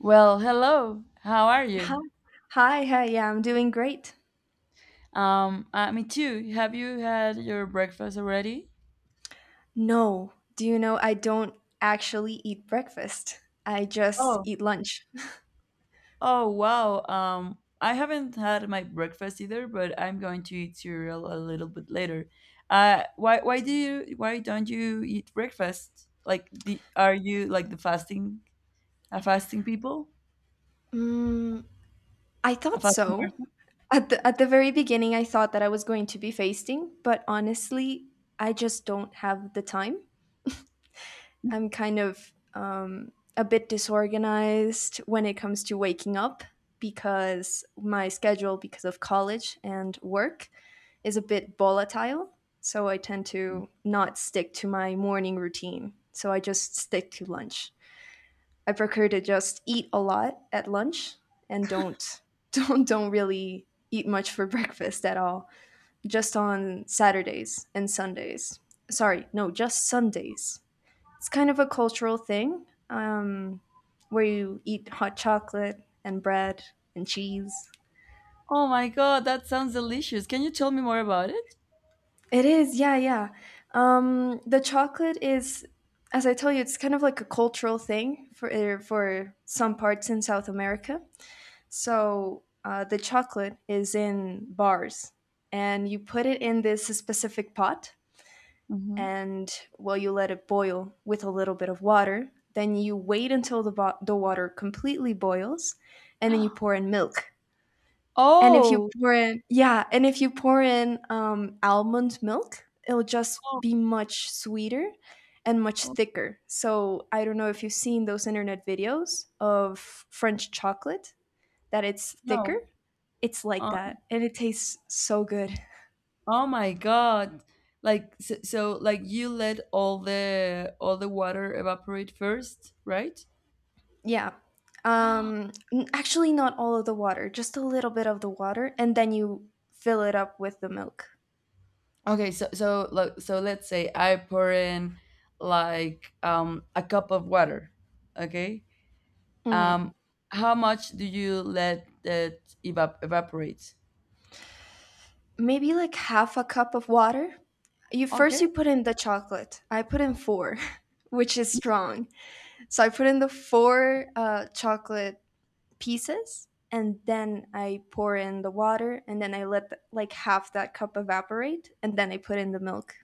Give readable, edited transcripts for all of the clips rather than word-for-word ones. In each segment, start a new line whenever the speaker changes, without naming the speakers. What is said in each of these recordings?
Well, hello. How are
Hi,
you?
hi, hi. Yeah, I'm doing great.
Me too. Have you had your breakfast already?
No, do you know I don't actually eat breakfast? I just
Oh.
eat lunch.
Oh, wow. I haven't had my breakfast either, but I'm going to eat cereal a little bit later. Why don't you eat breakfast? Like the are you like the fasting a fasting people?
I
A
thought
fasting
so.
person?
At the very beginning, I thought that I was going to be fasting, but honestly, I just don't have the time. I'm kind of a bit disorganized when it comes to waking up because my schedule, because of college and work, is a bit volatile. So I tend to not stick to my morning routine. So I just stick to lunch. I prefer to just eat a lot at lunch and don't don't really eat much for breakfast at all. Just on Saturdays and Sundays. Sorry, no, just Sundays, it's kind of a cultural thing, where you eat hot chocolate and bread and cheese.
Oh my god, that sounds delicious. Can you tell me more about it?
It is, yeah, yeah. The chocolate is, as I tell you, it's kind of like a cultural thing for for some parts in South America. So the chocolate is in bars, and you put it in this specific pot,
Mhm.
and well, you let it boil with a little bit of water. Then you wait until the the water completely boils, and then you pour in milk. And if you
Oh!
pour in, yeah, and if you pour in almond milk, it'll just
Oh,
be much sweeter and much
oh,
thicker. So I don't know if you've seen those internet videos of French chocolate that it's thicker.
no.
It's like that, and it tastes so good.
Oh my god. Like, so like you let all the water evaporate first, right?
Yeah. Actually not all of the water, just a little bit of the water, and then you fill it up with the milk.
Okay, so so, like, let's say I pour in like a cup of water, okay?
Mhm.
Um how much do you let it evaporate?
Maybe like half a cup of water. You
Okay.
first you put in the chocolate. I put in four, which is strong. So I put in the four chocolate pieces, and then I pour in the water, and then I let the, like half that cup evaporate, and then I put in the milk.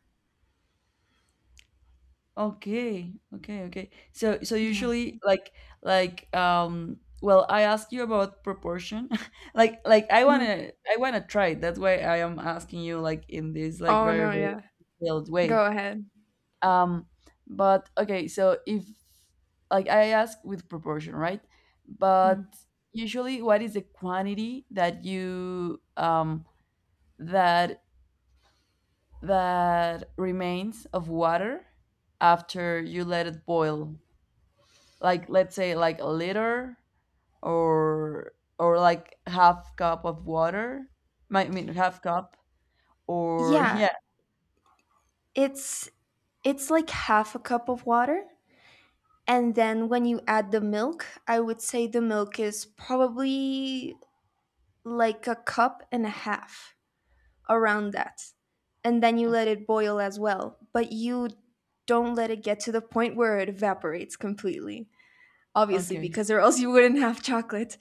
Okay, okay, okay. So,
Yeah.
usually, like, well, I asked you about proportion. Like, I want
Mhm.
to, try it. That's why I am asking you, like, in this, like,
Oh
very
no,
very
yeah.
detailed way.
Go ahead.
Um but okay, so if, like, I ask with proportion, right? But
Mhm.
usually what is the quantity that you that that remains of water after you let it boil? Like, let's say like a liter, or or like half cup of water. I mean half cup or
Yeah,
yeah.
it's it's like half a cup of water. And then when you add the milk, I would say the milk is probably like a cup and a half, around that. And then you let it boil as well. But you don't let it get to the point where it evaporates completely, obviously,
Okay.
because or else you wouldn't have chocolate.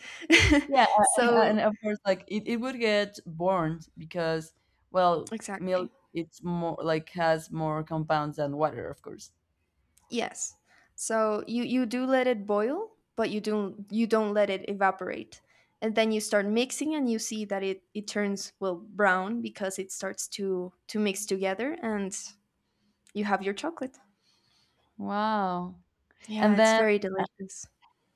Yeah.
So,
And of course, like, it would get burned because, well, milk,
exactly.
it's more, like, has more compounds than water, of course.
Yes. So you do let it boil, but you don't let it evaporate. And then you start mixing and you see that it turns well brown because it starts to mix together, and you have your chocolate.
Wow.
Yeah,
And
it's
then,
very delicious.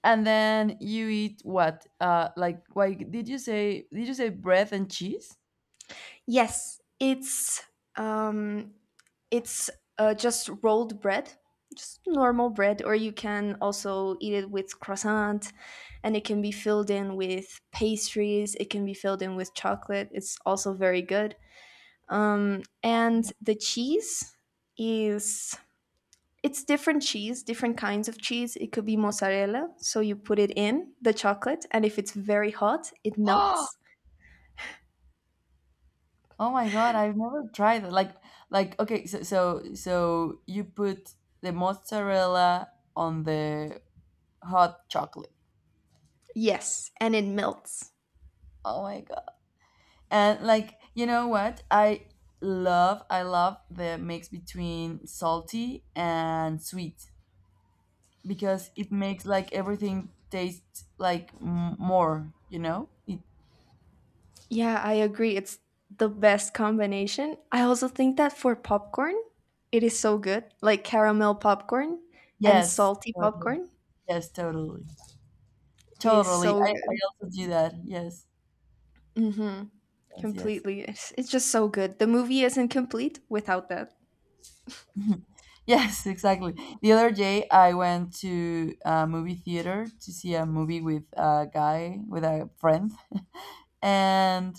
you eat what? Like, why did you say, bread and cheese?
Yes, um It's just rolled bread, just normal bread, or you can also eat it with croissant, and it can be filled in with pastries. It can be filled in with chocolate. It's also very good. And the cheese is it's different cheese, different kinds of cheese. It could be mozzarella, so you put it in the chocolate, and if it's very hot, it melts.
Oh my God, I've never tried that. Like, okay, so, you put the mozzarella on the hot chocolate.
Yes, and it melts.
Oh my God. And, like, you know what? I love the mix between salty and sweet because it makes, like, everything taste like more, you know? It,
Yeah, I agree. It's the best combination. I also think that for popcorn, it is so good. Like caramel popcorn and
yes,
salty
totally.
popcorn,
Yes, totally.
it is
Totally.
so
I
good.
also do that. Yes.
Mm-hmm.
Yes, yes.
Completely. It's just so good. The movie isn't complete without that.
Yes, exactly. The other day, I went to a movie theater to see a movie with a guy, with a friend, and,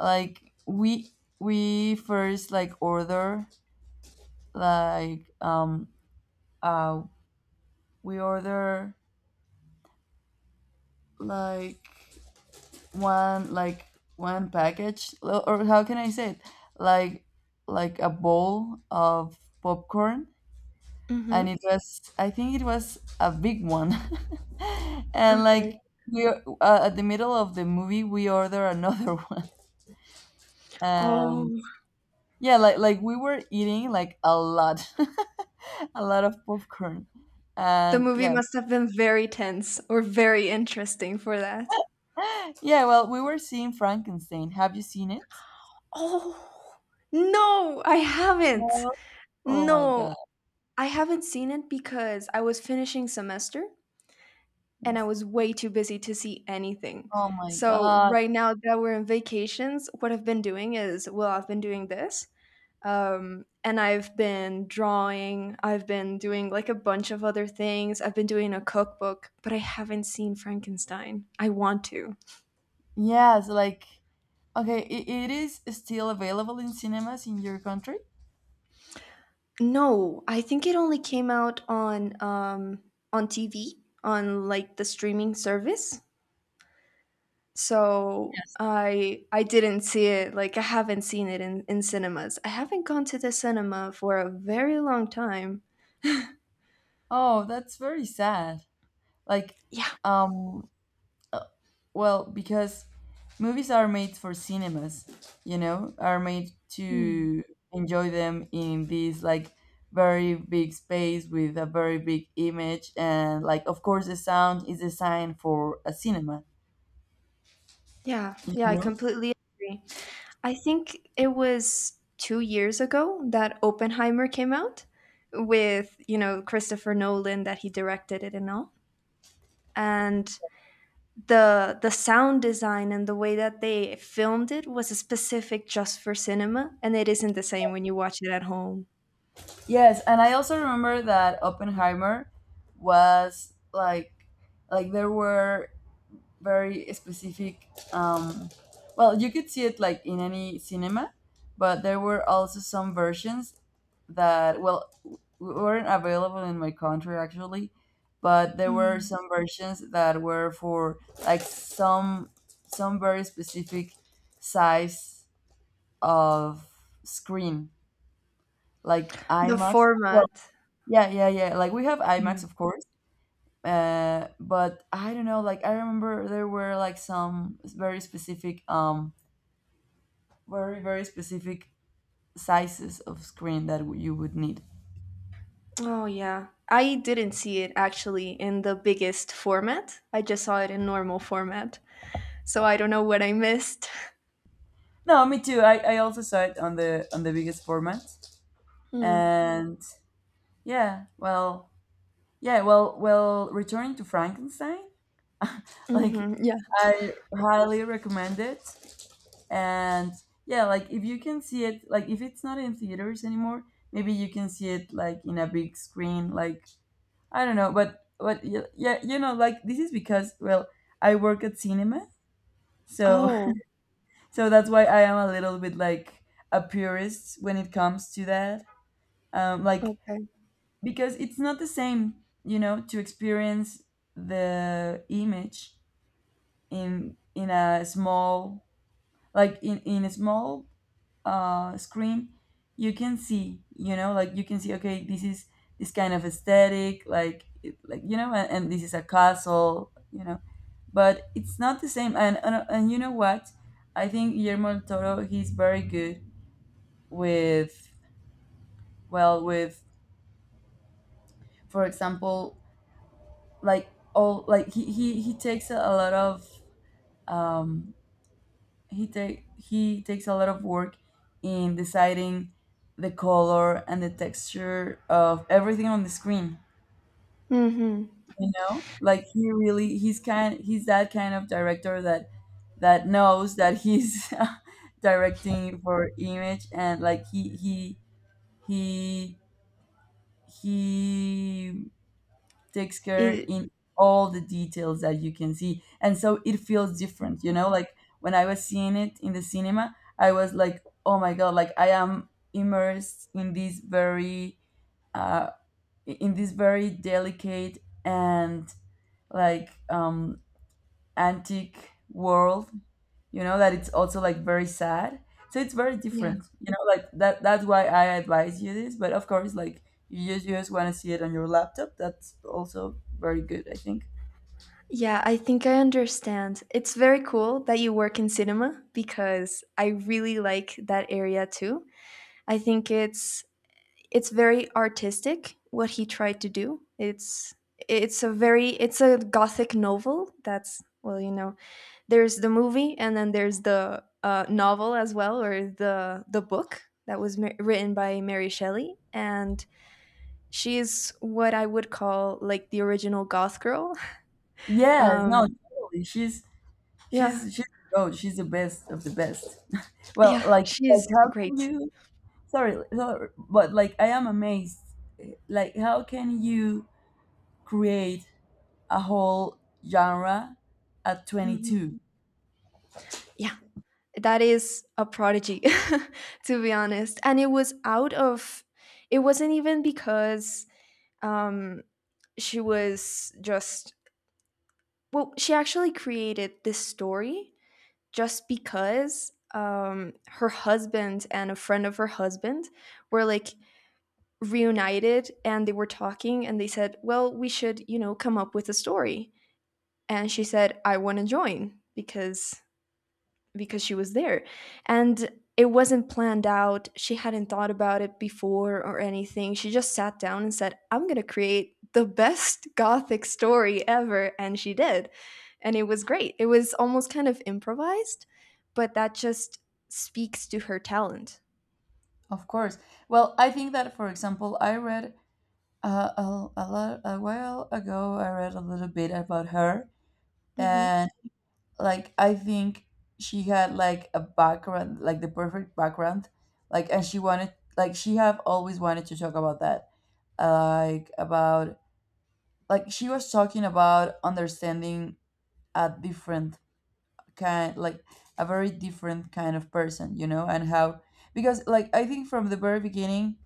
like, we first, like, order, like, uh we order like one, one package, or how can I say it, like, a bowl of popcorn. And it
Mm-hmm.
was I think it was a big one. And, like,
Okay.
we at the middle of the movie, we order another one. And
Oh,
yeah, like we were eating, like, a lot, a lot of popcorn.
the
And
movie
yeah.
must have been very tense or very interesting for that.
Yeah, well, we were seeing Frankenstein, have you seen it?
Oh, no, I haven't.
No. Oh my
No,
god.
I haven't seen it because I was finishing semester and I
Yes.
was way too busy to see anything.
Oh my
So
god.
right now that we're in vacations, what I've been doing is, well, I've been doing this, and I've been drawing. I've been doing like a bunch of other things. I've been doing a cookbook, but I haven't seen Frankenstein. I want to.
Yes, like, okay, it is still available in cinemas in your country?
No, I think it only came out on TV, on like the streaming service. So I didn't see it. Like I haven't seen it in cinemas. I haven't gone to the cinema for a very long time.
Oh, that's very sad. Like,
Yeah.
um, uh, well, because movies are made for cinemas, you know, are made
Hmm.
to enjoy them in this, like, very big space with a very big image, and, like, of course, the sound is designed for a cinema.
Yeah,
You
yeah, I
know?
completely agree. I think it was 2 years ago that Oppenheimer came out with, you know, Christopher Nolan that he directed it and all. And the sound design and the way that they filmed it was specific just for cinema, and it isn't the same when you watch it at home.
Yes, and I also remember that Oppenheimer was, like, there were very specific, um well, you could see it like in any cinema, but there were also some versions that, well, weren't available in my country, actually. But there were some versions that were for, like, some very specific size of screen, like
The
IMAX. Well,
format.
yeah, yeah, yeah, like we have IMAX,
Mm.
of course. But I don't know. Like, I remember there were, like, some very specific, very very specific sizes of screen that you would need.
Oh, yeah. I didn't see it actually in the biggest format. I just saw it in normal format. So I don't know what I missed.
No, me too. I also saw it on, the on the biggest format,
Mm.
and yeah, well, yeah, well, well. Returning to Frankenstein, like,
Hmm. Yeah.
I highly recommend it, and yeah, like, if you can see it, like, if it's not in theaters anymore, maybe you can see it, like, in a big screen, like, I don't know, but, but yeah, you know, like, this is because, well, I work at cinema, so
Oh,
so that's why I am a little bit like a purist when it comes to that. Like,
okay.
because it's not the same, you know, to experience the image in, a small, like, in, a small screen. You can see, you know, like, you can see, okay, this is this kind of aesthetic, like it, like, you know. And this is a castle, you know. But it's not the same. And, you know what, I think Guillermo del Toro, he's very good with, well, with, for example, like all, like he, takes a lot of, um he take, he takes a lot of work in deciding the color and the texture of everything on the screen.
Mm-hmm.
You know, like, he really, he's kind, he's that kind of director that that knows that he's directing for image, and, like, he, he he takes care
It,
in all the details that you can see, and so it feels different, you know, like, when I was seeing it in the cinema, I was like, oh my god, like, I am immersed in this very uh delicate and, like, antique world, you know, that it's also like very sad. So it's very
yeah.
different, you know, like, that's why I advise you this, but, of course, like, you just, want to see it on your laptop, that's also very good, I think.
Yeah, I think I understand. It's very cool that you work in cinema because I really like that area too. I think it's very artistic what he tried to do. It's a very, it's a gothic novel. That's well, you know, there's the movie and then there's the novel as well, or the book that was written by Mary Shelley, and she is what I would call like the original goth girl.
Yes, no,
Um,
totally. She's,
yeah,
she's the goat. She's the best of the best. Well,
yeah,
like,
she is
how
great.
can you? Sorry, sorry, but, like, I am amazed. Like, how can you create a whole genre at
Mhm.
22?
Yeah, that is a prodigy, to be honest, and it was out of, it wasn't even because um she was just, well, she actually created this story just because her husband and a friend of her husband were like reunited and they were talking and they said, well, we should, you know, come up with a story. And she said, I want to join because she was there. And it wasn't planned out. She hadn't thought about it before or anything. She just sat down and said, I'm going to create the best gothic story ever, and she did. And it was great. It was almost kind of improvised, but that just speaks to her talent.
Of course. Well, I think that, for example, I read a lot a while ago. I read a little bit about her,
Hmm.
like, I think she had, like, a background, like the perfect background, like, and she wanted, like, she have always wanted to talk about that, like, about, like, she was talking about understanding a different kind, like, a very different kind of person, you know, and how, because, like, I think from the very beginning,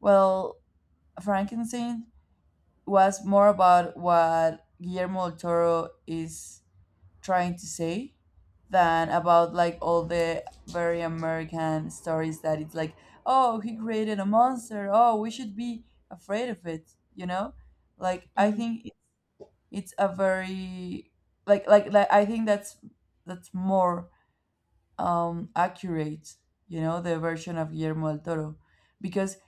well, Frankenstein was more about what Guillermo del Toro is trying to say than about, like, all the very American stories that it's like, oh, he created a monster. Oh, we should be afraid of it. You know, like, I
Hmm.
think it's a very, like, I think that's, more accurate. You know, the version of Guillermo del Toro, because,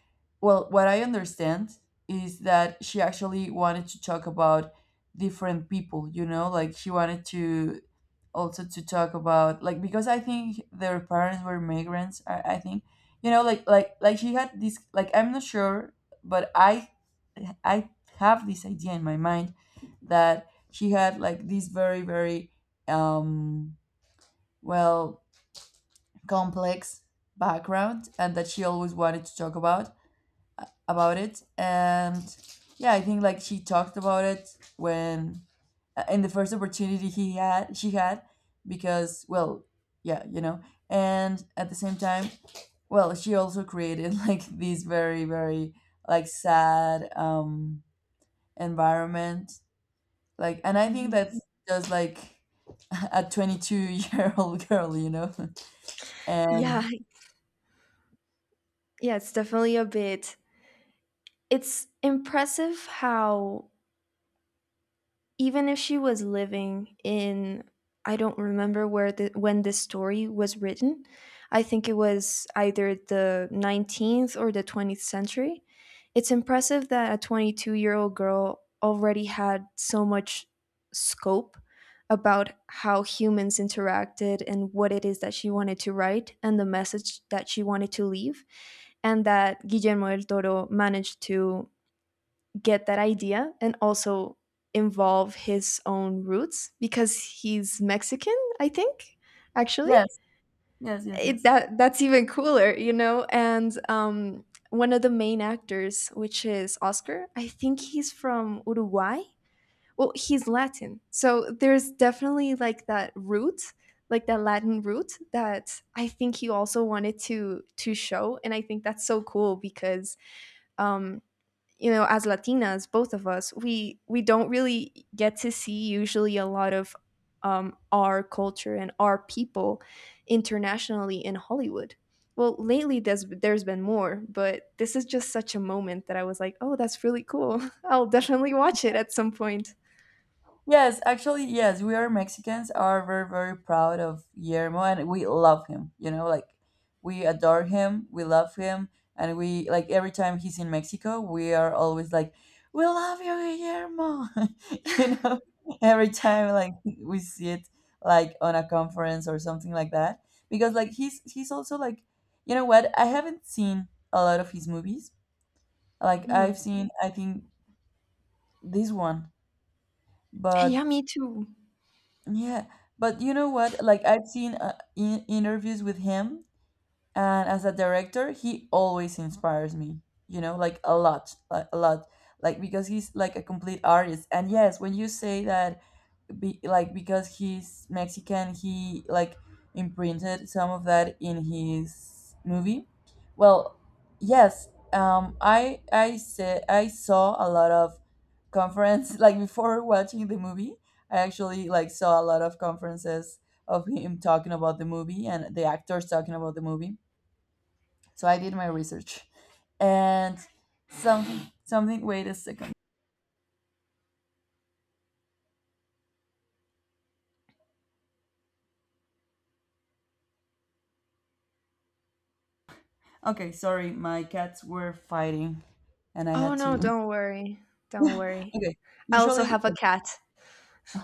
well, what I understand is that she actually wanted to talk about different people. You know, like, she wanted to also to talk about, like, because I think their parents were migrants. I think, you know, like, she had this, like, I'm not sure, but, I have this idea in my mind that she had, like, this very very, um well, complex background, and that she always wanted to talk about, it, and yeah, I think, like, she talked about it when in the first opportunity he had, she had, because, well, yeah, you know. And at the same time, well, she also created like these very very like sad, environment, like, and I think
Hmm.
that's just like a 22-year-old girl, you know. And
Yeah, yeah, it's definitely a bit, it's impressive how, even if she was living in, I don't remember where, the when this story was written. I think it was either the 19th or the 20th century. It's impressive that a 22-year-old girl already had so much scope about how humans interacted and what it is that she wanted to write and the message that she wanted to leave, and that Guillermo del Toro managed to get that idea and also involve his own roots because he's Mexican, I think, actually.
yes, yes, yes,
It,
yes.
that that's even cooler, you know. And one of the main actors, which is Oscar, I think he's from Uruguay. Well, he's Latin, so there's definitely like that root, like that Latin root that I think he also wanted to show, and I think that's so cool because um, you know, as latinas, both of us, we don't really get to see usually a lot of our culture and our people internationally in Hollywood. Well, lately there's been more, but this is just such a moment that I was like, oh, that's really cool. I'll definitely watch it at some point.
Yes, actually, yes, we are Mexicans are very, very proud of Guillermo, and we love him. You know, like, we adore him, we love him, and we, like, every time he's in Mexico, we are always like, we love you, Guillermo. You know, every time, like, we see it like on a conference or something like that. Because, like, he's also like, you know what, I haven't seen a lot of his movies. Like,
Mhm.
I've seen, I think, this one,
Yeah,
but
me too.
yeah, but, you know what, like, I've seen in interviews with him, and as a director, he always inspires me. You know, like, a lot, like, a lot, like, because he's like a complete artist. And yes, when you say that like, because he's Mexican, he, like, imprinted some of that in his movie. Well, yes, I said I saw a lot of conference like before watching the movie. I actually, like, saw a lot of conferences of him talking about the movie and the actors talking about the movie. So I did my research, and something, something. Wait a second. Okay, sorry, my cats were fighting, and I
Oh
had
no,
to.
don't worry, don't
Yeah.
worry.
Okay.
I also
Usually,
have a cat.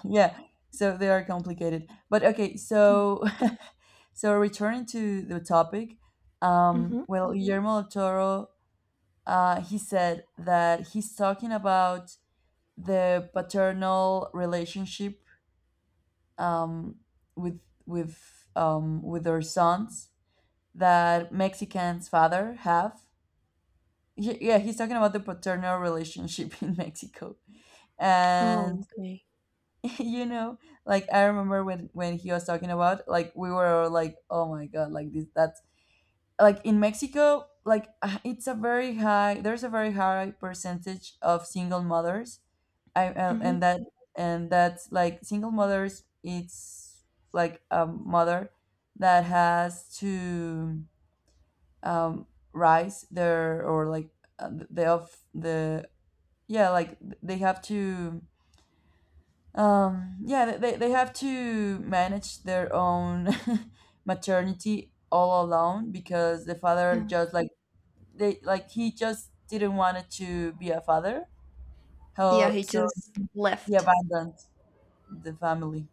yeah. So they are complicated. But okay. So, so returning to the topic,
Mm-hmm.
well, Guillermo del Toro, he said that he's talking about the paternal relationship, um, with, with their sons that Mexicans father have. Yeah, he's talking about the paternal relationship in Mexico.
Oh,
And,
okay.
you know like I remember when he was talking about, like, we were all like, "Oh my god, like, this, that's like in Mexico." Like, it's a very high there's a very high percentage of single mothers. I and
Hmm.
that And that's like single mothers. It's like a mother that has to, um rise their, or like, the of the, yeah, like they have to, yeah, they have to manage their own maternity all alone because the father
Yeah,
just like, they, like, he just didn't want it to be a father.
yeah,
How
he
so?
just
He
left.
abandoned the family,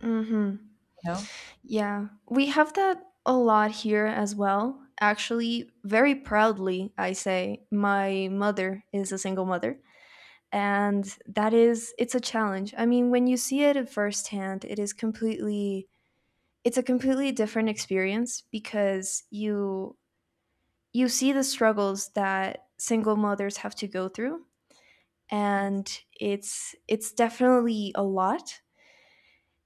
Hmm.
you know.
Yeah, we have that a lot here as well. Actually, very proudly, I say, my mother is a single mother. And that is, it's a challenge. I mean, when you see it at firsthand, it is completely, it's a completely different experience because you see the struggles that single mothers have to go through.
Yes.
And it's definitely a lot.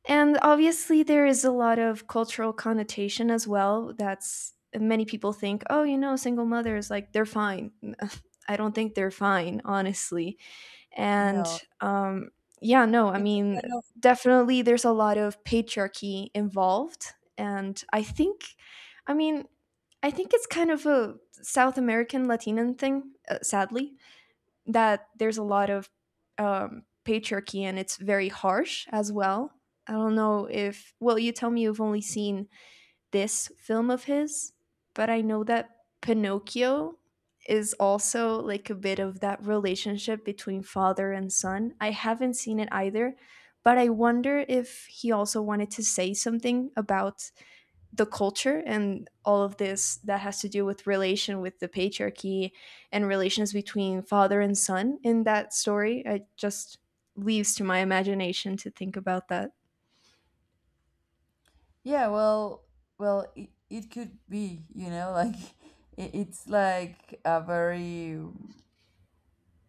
And obviously, there is a lot of cultural connotation as well. That's, many people think, oh, you know, single mothers, like they're fine. I don't think they're fine, honestly. And
No.
um, yeah, no, I
It's a
mean,
kind of.
definitely there's a lot of patriarchy involved. And I think, I mean, I think it's kind of a South American Latino thing, sadly, that there's a lot of patriarchy, and it's very harsh as well. I don't know if, well, you tell me you've only seen this film of his, but I know that Pinocchio is also like a bit of that relationship between father and son. I haven't seen it either, but I wonder if he also wanted to say something about the culture and all of this that has to do with relation with the patriarchy and relations between father and son in that story. It just leaves to my imagination to think about that.
Yeah. Well, it could be, you know, like, it's like a very,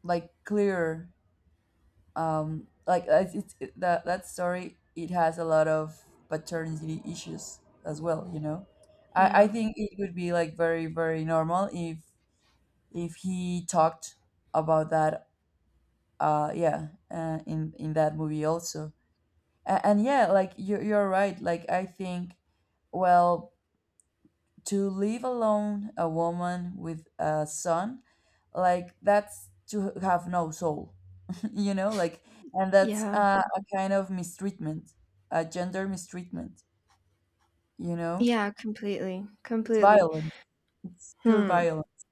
like, clear, like, that story, it has a lot of paternity issues as well, you know. I
Yeah.
think it would be like very, very normal if he talked about that, yeah in that movie also. And yeah, like you're right, like I think, well, to leave alone a woman with a son, like that's to have no soul, you know. Like, and that's
Yeah.
a kind of mistreatment, a gender mistreatment, you know.
Yeah, completely.
It's
Completely.
violence. It's pure
Hmm.
violence.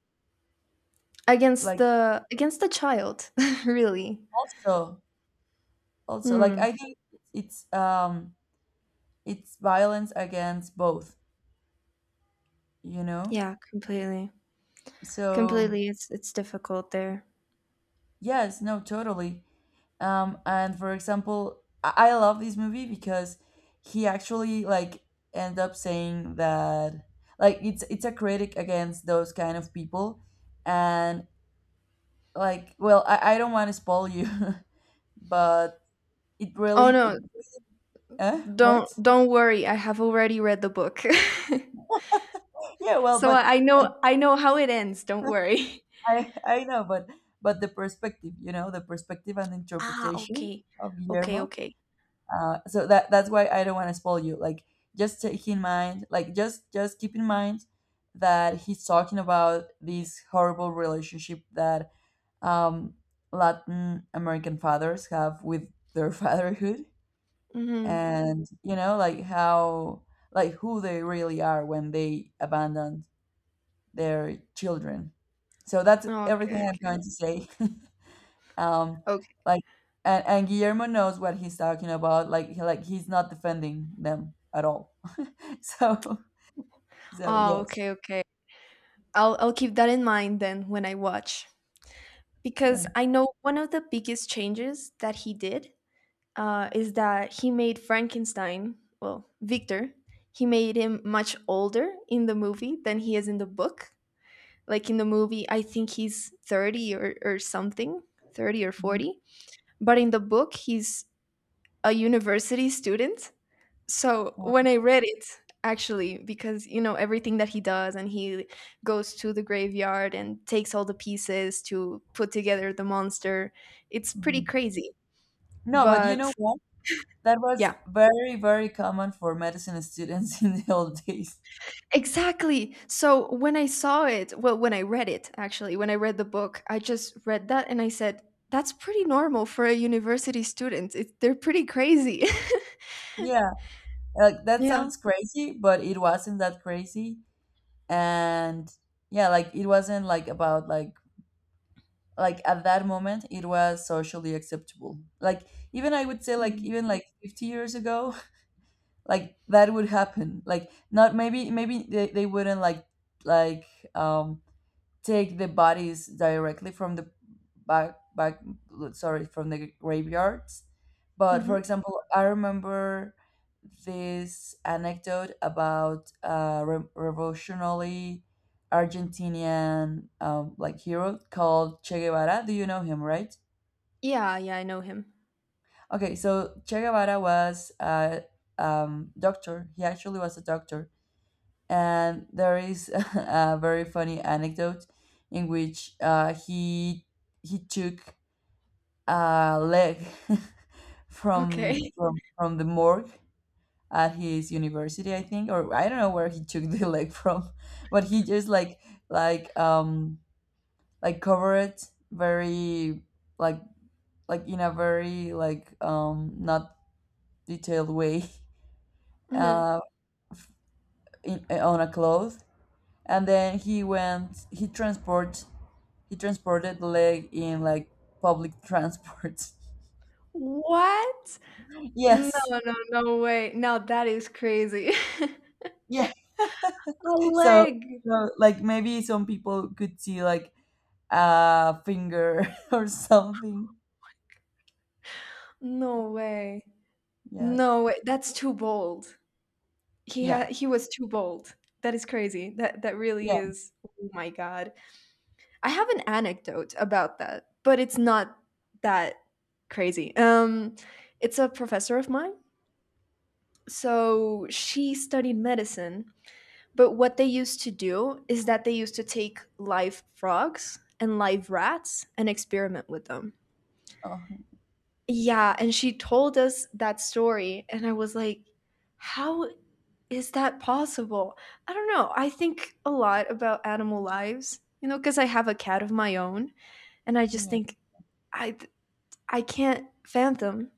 Like
Against the child, really.
also, also, like,
Hmm.
I think it's, it's violence against both, you know.
Yeah, completely.
So...
Completely. It's difficult there.
Yes, no, totally. And for example, I love this movie because he actually, like, end up saying that, like, it's a critic against those kind of people. And, like, well, I don't want to spoil you, but it really,
Oh no,
what?
don't worry. I have already read the book.
Yeah, well,
So
but
I know, I know how it ends. Don't worry.
I know, but the perspective, you know, the perspective and
Ah,
interpretation
okay.
of
Okay,
Guillermo.
okay.
So that's why I don't want to spoil you. Like, just take in mind, like, just keep in mind that he's talking about this horrible relationship that, um, Latin American fathers have with their fatherhood,
Hmm.
and, you know, like how, like, who they really are when they abandon their children. So that's
Okay,
everything I'm going
okay.
to say. um
Okay.
like, and Guillermo knows what he's talking about, like like he's not defending them at all. so so
Oh,
yes.
okay, okay. I'll keep that in mind then when I watch,
Yeah.
because I know one of the biggest changes that he did is that he made Frankenstein. Well, Victor, he made him much older in the movie than he is in the book. Like in the movie, I think he's 30 or something, 30 or
Mhm.
40. But in the book, he's a university student. So when I read it, actually, because everything that he does, and he goes to the graveyard and takes all the pieces to put together the monster, it's
Mhm.
pretty crazy.
No, but you
But
know what, that was
yeah,
very, very common for medicine students in the old days.
exactly. So when I saw it, well, when I read it, actually, when I read the book, I just read that and I said, that's pretty normal for a university student. It, they're pretty crazy.
Yeah, like that
Yeah.
sounds crazy, but it wasn't that crazy. And yeah, like it wasn't like about like, at that moment it was socially acceptable, like, even I would say, like, even like 50 years ago, like that would happen, like not, maybe they wouldn't like, like um take the bodies directly from the back, sorry, from the graveyards. But for
Mm-hmm.
example, I remember this anecdote about a revolutionary Argentinian, like, hero called Che Guevara. Do you know him, right?
Yeah, yeah, I know him.
Okay, so Che Guevara was a, doctor. He actually was a doctor. And there is a very funny anecdote in which, he took a leg
Okay.
from the morgue at his university, I think, or I don't know where he took the leg from, but he just like, like um like, cover it very like, in a very, like, not detailed way,
Mhm.
uh on a cloth. And then he transported the leg in, like, public transport.
What? No,
yes.
no, no way. Now that is crazy.
Yeah.
A
So,
leg.
so like maybe some people could see like a finger or something.
No way.
Yes.
No way. That's too bold.
Yeah.
He was too bold. That is crazy. That really
Yeah.
is. Oh my God. I have an anecdote about that, but it's not that crazy. It's a professor of mine. So she studied medicine. But what they used to do is that they used to take live frogs and live rats and experiment with them.
Oh,
Yeah, and she told us that story, and I was like, how is that possible? I don't know. I think a lot about animal lives, you know, because I have a cat of my own, and I just
yes.
think I I can't fathom,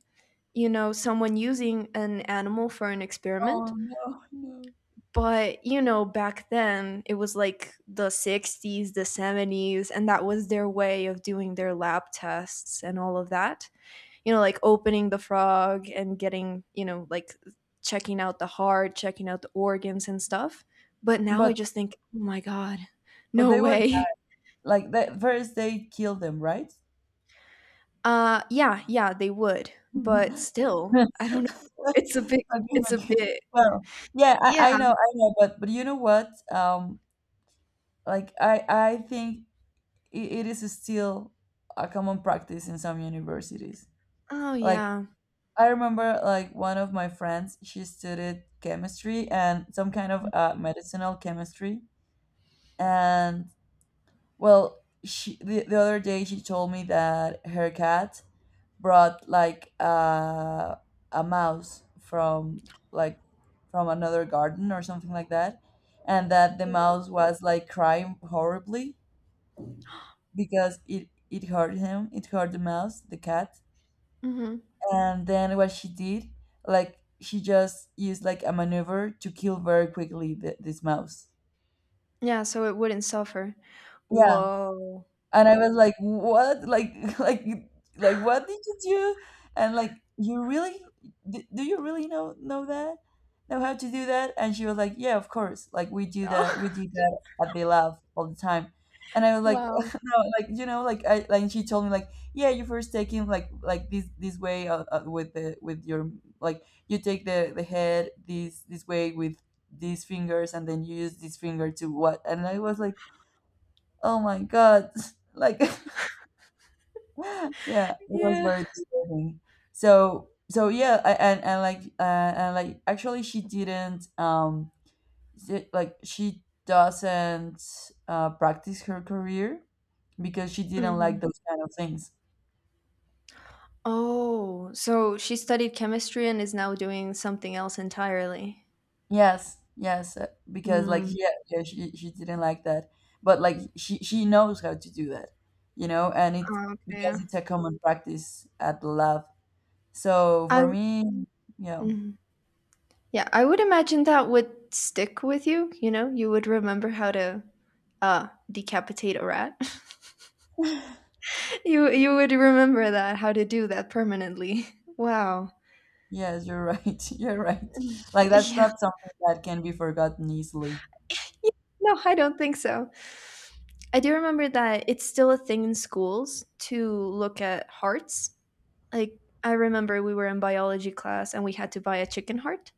you know, someone using an animal for an
Oh
experiment.
no, no.
But, you know, back then it was like the 60s, the 70s, and that was their way of doing their lab tests and all of that. You know, like opening the frog and getting, you know, like checking out the heart, checking out the organs and stuff. But now I
But
just think, oh my God,
but
no
they were,
way.
like, the first they killed them, right?
Yeah, yeah, they would. But still, I don't know. It's a big,
okay,
it's a
okay.
bit,
Well, yeah, I
yeah.
know, I know, but you know what? Like I think it is still a common practice in some universities.
Oh,
Like
yeah.
I remember, like one of my friends, she studied chemistry and some kind of, medicinal chemistry, and well, she the other day she told me that her cat brought, like, a mouse from, like, from another garden or something like that, and that the mouse was like crying horribly because it hurt him, it hurt the mouse, the cat.
Hmm.
And then what she did, like she just used like a maneuver to kill very quickly, this mouse.
Yeah, so it wouldn't suffer.
Yeah.
Whoa.
And I was like, "What? Like, like, what did you do?" And like, "You really? Do you really know that? Know how to do that?" And she was like, "Yeah, of course. Like, we do that. We
Oh,
do that at the lab all the time." And I was like,
wow.
"No, like, you know, like, I like." She told me like, "Yeah, you first take him like, this way, with your, like, you take the head, this way with." These fingers, and then you use this finger to what, and I was like, "Oh my god," like. Yeah, it was
Yeah.
very disturbing. So yeah, and like, and like, actually she didn't, like, she doesn't, practice her career because she didn't like
Mhm.
those kind of things.
Oh, so she studied chemistry and is now doing something else entirely.
Yes, yes, because, like,
Mm.
yeah, yeah, she didn't like that, but like she knows how to do that, you know, and it
Oh, okay.
because it's a common practice at the lab. So
I
for me, yeah.
mhm. Yeah, I would imagine that would stick with you, you know? You would remember how to, decapitate a rat. You would remember that, how to do that permanently. Wow.
Yes, you're right. You're right. Like that's
Yeah.
not something that can be forgotten easily.
Yeah, no, I don't think so. I do remember that it's still a thing in schools to look at hearts. Like I remember we were in biology class and we had to buy a chicken heart.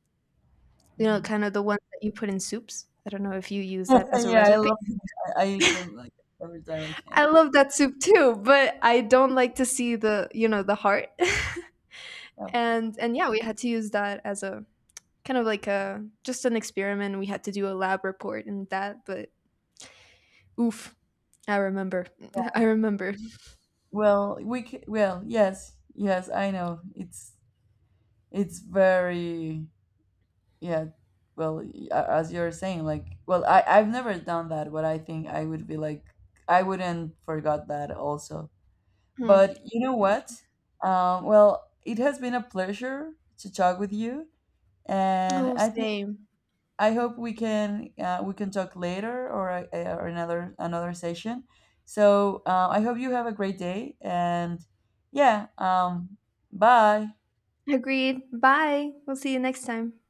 You know,
Mhm.
kind of the one that you put in soups. I don't know if you use that as a
Yeah, I
recipe.
love them. I eat them like every time I can.
I love that soup too, but I don't like to see the, you know, the heart.
Oh, good.
And yeah, we had to use that as a kind of like a just an experiment. We had to do a lab report and that, but oof, I remember. I remember.
Well, we c well, yes, yes, I know. It's very, yeah. Well, as you're saying, like, well, I've never done that, but I think I would be, like, I wouldn't forgot that also.
Hmm.
But you know
Yeah.
what? Well, it has been a pleasure to talk with you. And
Oh,
I think
same.
I hope we can talk later, or another session. So, I hope you have a great day, and yeah, bye.
Agreed. Bye. We'll see you next time.